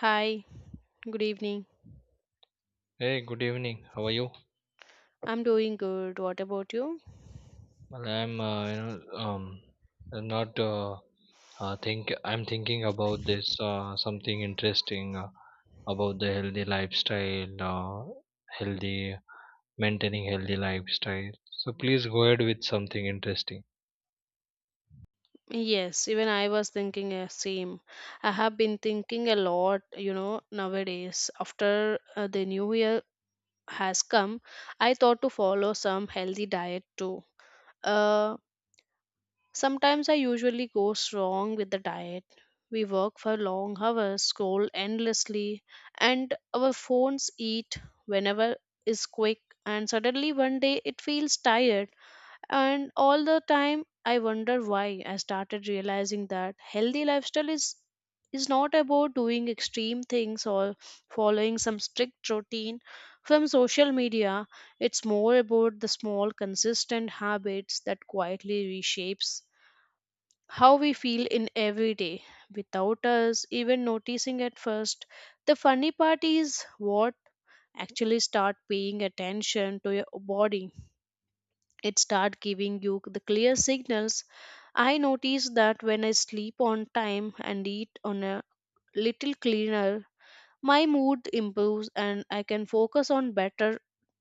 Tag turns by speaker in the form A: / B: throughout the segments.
A: Hi, good evening.
B: Hey, good evening. How are you?
A: I'm doing good. What about you?
B: Well, I'm, I'm not. Think I'm thinking about this something interesting, about the healthy lifestyle, healthy maintaining healthy lifestyle. So please go ahead with something interesting.
A: Yes, even I was thinking the same. I have been thinking a lot, you know, nowadays. After the new year has come, I thought to follow some healthy diet too. Uh, sometimes I usually goes wrong with the diet. We work for long hours, scroll endlessly, and our phones eat whenever is quick. And suddenly one day it feels tired, and all the time I wonder why. I started realizing that healthy lifestyle is not about doing extreme things or following some strict routine from social media. It's more about the small consistent habits that quietly reshapes how we feel in every day without us even noticing at first. The funny part is what actually start paying attention to your body, it start giving you the clear signals. I notice that when I sleep on time and eat on a little cleaner, my mood improves and I can focus on better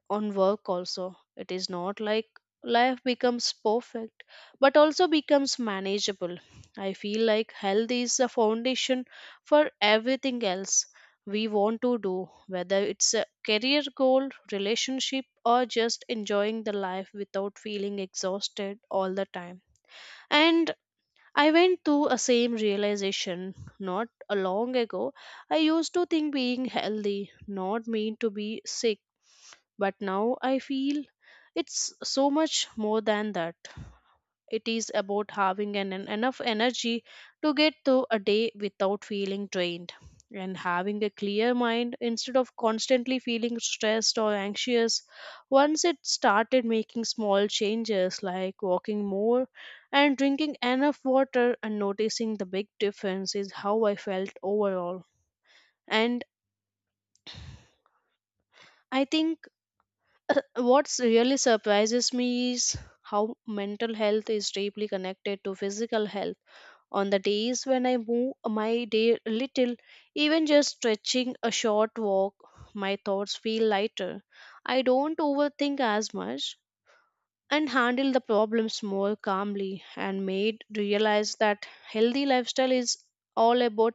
A: on work. Also it is not like life becomes perfect, but also becomes manageable. I feel like health is the foundation for everything else we want to do, whether it's a career goal, relationship, or just enjoying the life without feeling exhausted all the time. And I went through a same realization not a long ago. I used to think being healthy not mean to be sick, but now I feel it's so much more than that. It is about having an enough energy to get through a day without feeling drained, and having a clear mind instead of constantly feeling stressed or anxious. Once it started making small changes like walking more and drinking enough water, and noticing the big difference is how I felt overall. And I think what's really surprises me is how mental health is deeply connected to physical health. On the days when I move my day a little, even just stretching a short walk, my thoughts feel lighter. I don't overthink as much and handle the problems more calmly, and made realize that healthy lifestyle is all about,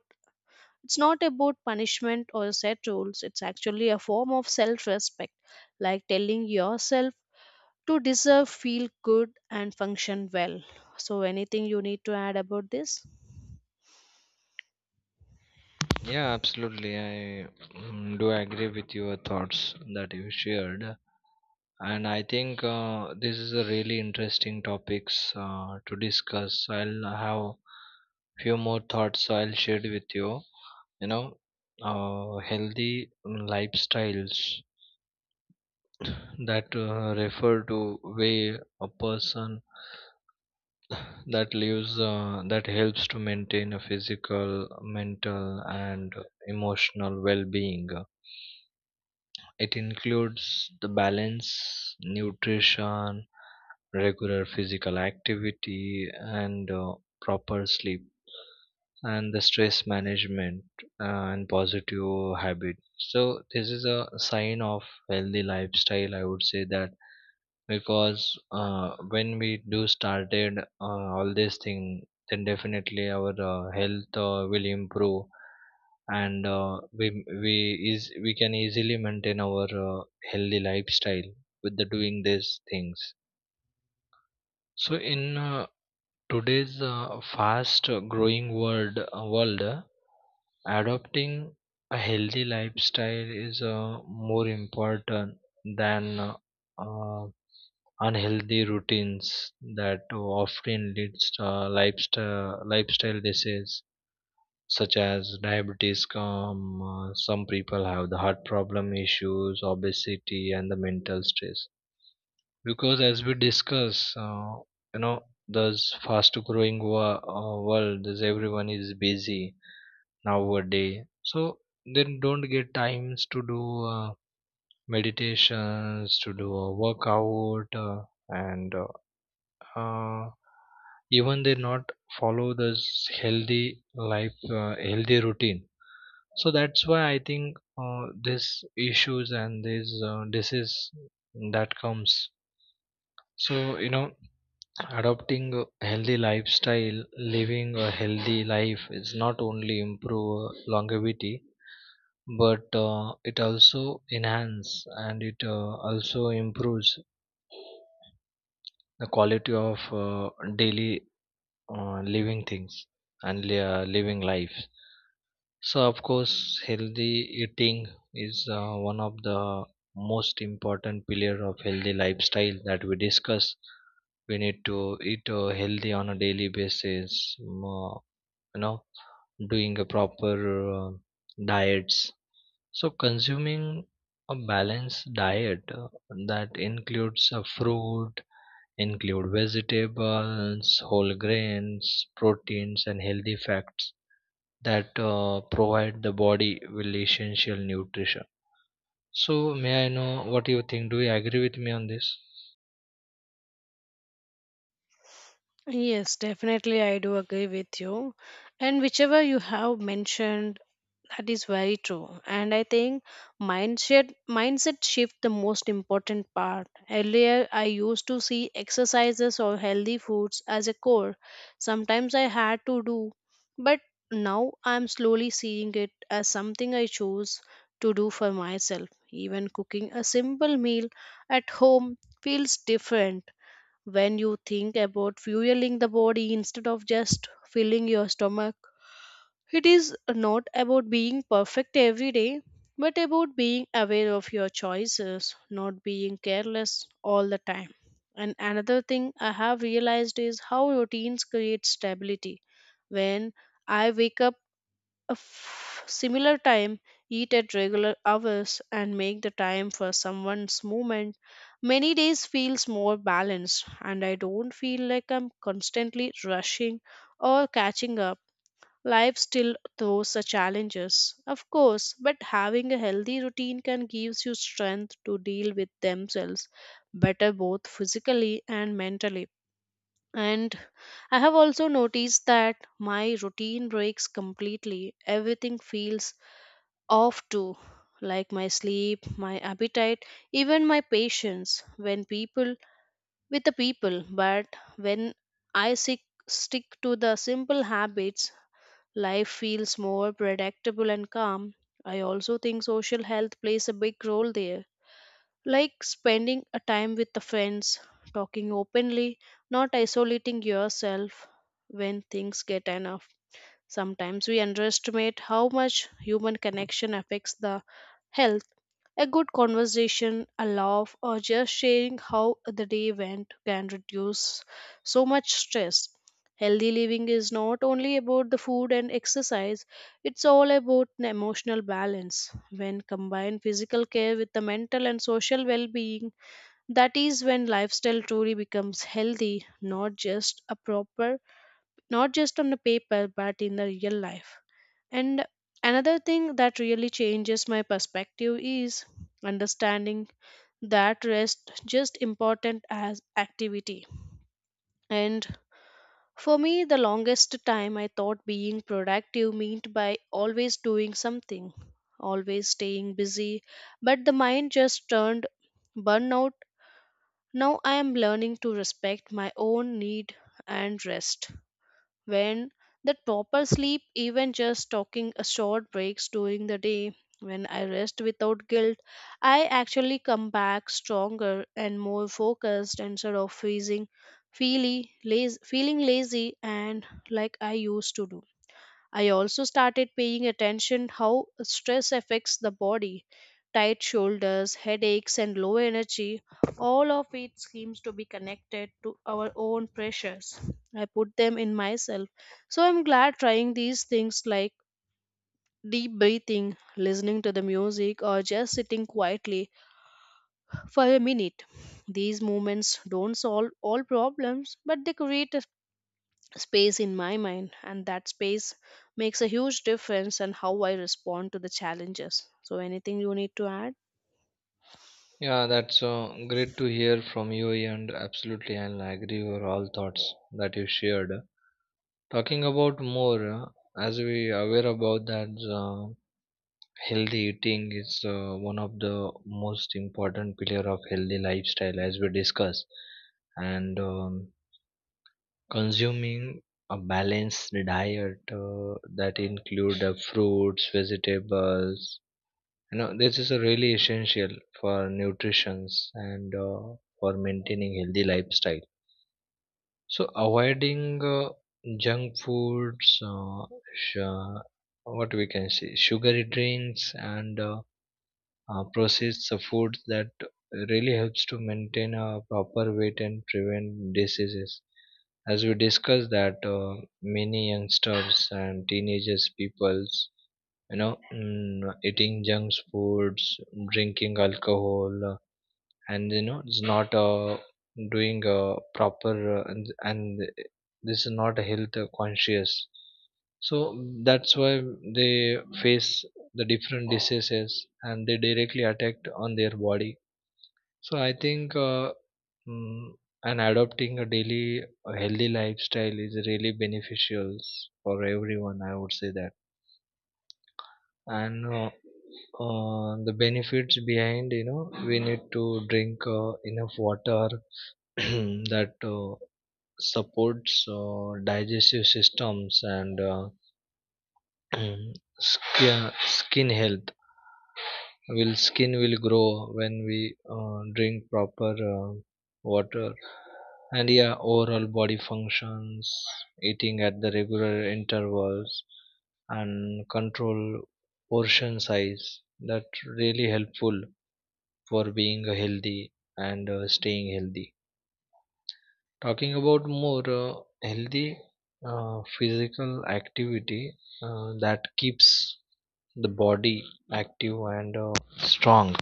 A: it's not about punishment or set rules, it's actually a form of self respect, like telling yourself to deserve feel good and function well. So anything you need to add about this?
B: Yeah, absolutely. I do agree with your thoughts that you shared. And I think this is a really interesting topics to discuss. I'll have few more thoughts I'll share with you. You know, healthy lifestyles that refer to way a person that lives, that helps to maintain a physical, mental, and emotional well-being. It includes the balance, nutrition, regular physical activity, and proper sleep, and the stress management, and positive habit. So this is a sign of healthy lifestyle. I would say that because when we do started all this thing, then definitely our health will improve and we we can easily maintain our healthy lifestyle with the doing these things. So in today's fast growing world, adopting a healthy lifestyle is more important than uh, unhealthy routines that often leads to lifestyle disease such as diabetes come some people have the heart problem issues, obesity, and the mental stress, because as we discuss, you know, this fast growing world is everyone is busy nowadays, so they don't get times to do uh, meditations, to do a workout and uh, even they not follow this healthy healthy routine. So that's why I think uh, this issues and this disease that comes. So you know, adopting a healthy lifestyle, living a healthy life is not only improve longevity, but it also enhance and it also improves the quality of daily living things and living lives. So, of course, healthy eating is one of the most important pillar of healthy lifestyle that we discuss. We need to eat healthy on a daily basis. You know, doing a proper uh, diets. So, consuming a balanced diet that includes include vegetables, whole grains, proteins, and healthy fats that provide the body with essential nutrition. So, may I know what you think? Do you agree with me on this?
A: Yes, definitely, I do agree with you. And whichever you have mentioned, that is very true. And I think mindset mindset shift the most important part. Earlier I used to see exercises or healthy foods as a core. Sometimes I had to do, but now I'm slowly seeing it as something I choose to do for myself. Even cooking a simple meal at home feels different when you think about fueling the body instead of just filling your stomach. It is not about being perfect every day, but about being aware of your choices, not being careless all the time. And another thing I have realized is how routines create stability. When I wake up similar time, eat at regular hours, and make the time for someone's movement, many days feels more balanced, and I don't feel like I'm constantly rushing or catching up. Life still throws the challenges, of course, but having a healthy routine can gives you strength to deal with themselves better, both physically and mentally. And I have also noticed that my routine breaks completely. Everything feels off too, like my sleep, my appetite, even my patience when people with the people. But when I sick, stick to the simple habits, life feels more predictable and calm. I also think social health plays a big role there, like spending a time with the friends, talking openly, not isolating yourself when things get enough. Sometimes we underestimate how much human connection affects the health. A good conversation, a laugh, or just sharing how the day went can reduce so much stress. Healthy living is not only about the food and exercise, it's all about an emotional balance. When combined physical care with the mental and social well being, that is when lifestyle truly becomes healthy, not just a proper, not just on the paper but in the real life. And another thing that really changes my perspective is understanding that rest just important as activity. And for me, the longest time I thought being productive meant by always doing something, always staying busy, but the mind just turned burnout. Now I am learning to respect my own need and rest when that proper sleep, even just taking a short breaks during the day. When I rest without guilt, I actually come back stronger and more focused instead of feeling feely, feeling lazy and like I used to do. I also started paying attention how stress affects the body. Tight shoulders, headaches and low energy, all of it seems to be connected to our own pressures. I put them in myself. So I'm glad trying these things like deep breathing, listening to the music, or just sitting quietly for a minute. These movements don't solve all problems, but they create a space in my mind, and that space makes a huge difference in how I respond to the challenges. So anything you need to add?
B: Yeah, that's great to hear from you, and absolutely, I'll agree with all thoughts that you shared. Talking about more, as we aware about that, uh, healthy eating is one of the most important pillar of healthy lifestyle as we discussed, and consuming a balanced diet that include fruits, vegetables. You know, this is a really essential for nutrition and for maintaining healthy lifestyle. So avoiding junk foods uh, sh- what we can say, sugary drinks and processed foods, that really helps to maintain a proper weight and prevent diseases, as we discussed that many youngsters and teenagers peoples, you know, eating junk foods, drinking alcohol, and you know, it's not doing proper and this is not health conscious. So that's why they face the different diseases and they directly attack on their body. So I think mm, and adopting a daily a healthy lifestyle is really beneficial for everyone, I would say that. And the benefits behind, you know, we need to drink enough water that supports digestive systems and skin health, will skin will grow when we drink proper water, and yeah, overall body functions, eating at the regular intervals and control portion size, that really helpful for being healthy and staying healthy. Talking about more healthy physical activity that keeps the body active and strong.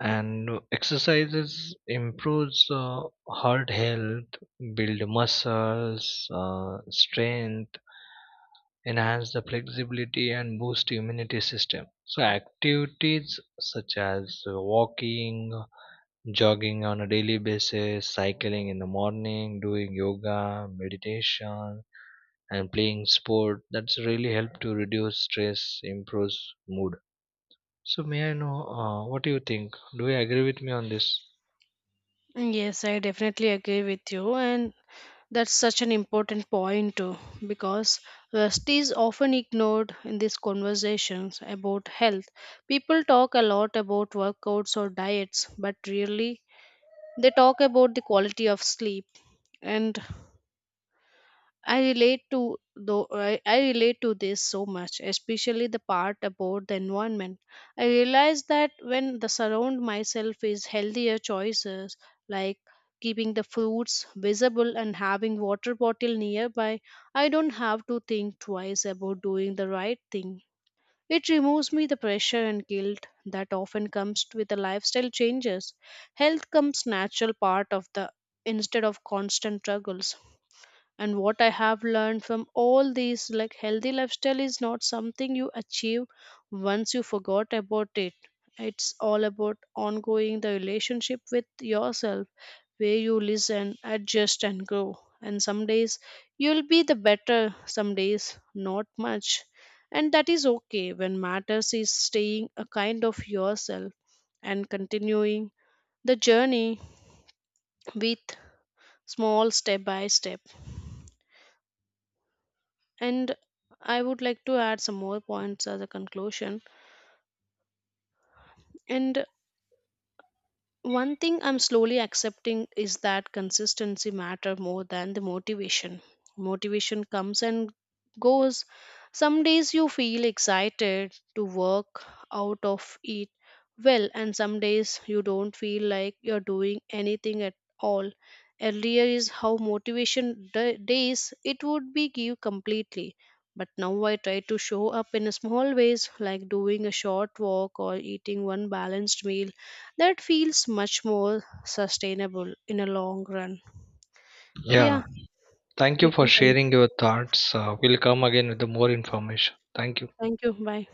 B: And exercises improves heart health, build muscles, strength, enhance the flexibility, and boost immunity system. So activities such as walking, jogging on a daily basis, cycling in the morning, doing yoga, meditation, and playing sport. That's really help to reduce stress, improves mood. So may I know what do you think? Do you agree with me on this?
A: Yes, I definitely agree with you, and that's such an important point too, because rest is often ignored in these conversations about health. People talk a lot about workouts or diets, but really they talk about the quality of sleep. And I relate to though, I relate to this so much, especially the part about the environment. I realize that when the surround myself is healthier choices, like keeping the fruits visible and having water bottle nearby, I don't have to think twice about doing the right thing. It removes me the pressure and guilt that often comes with the lifestyle changes. Health comes natural part of the instead of constant struggles. And what I have learned from all these like healthy lifestyle is not something you achieve once you forgot about it. It's all about ongoing the relationship with yourself, where you listen, adjust and grow. And some days you'll be the better, some days not much, and that is okay. When matters is staying a kind of yourself and continuing the journey with small step by step. And I would like to add some more points as a conclusion. And one thing I'm slowly accepting is that consistency matter more than the motivation. Motivation comes and goes. Some days you feel excited to work out of it well, and some days you don't feel like you're doing anything at all. Earlier is how motivation days it would be give completely. But now I try to show up in small ways like doing a short walk or eating one balanced meal that feels much more sustainable in a long run. Yeah,
B: Yeah. Thank you
A: we
B: for
A: can. Con-
B: sharing your thoughts. We'll come again with the more information. Thank you.
A: Thank you. Bye.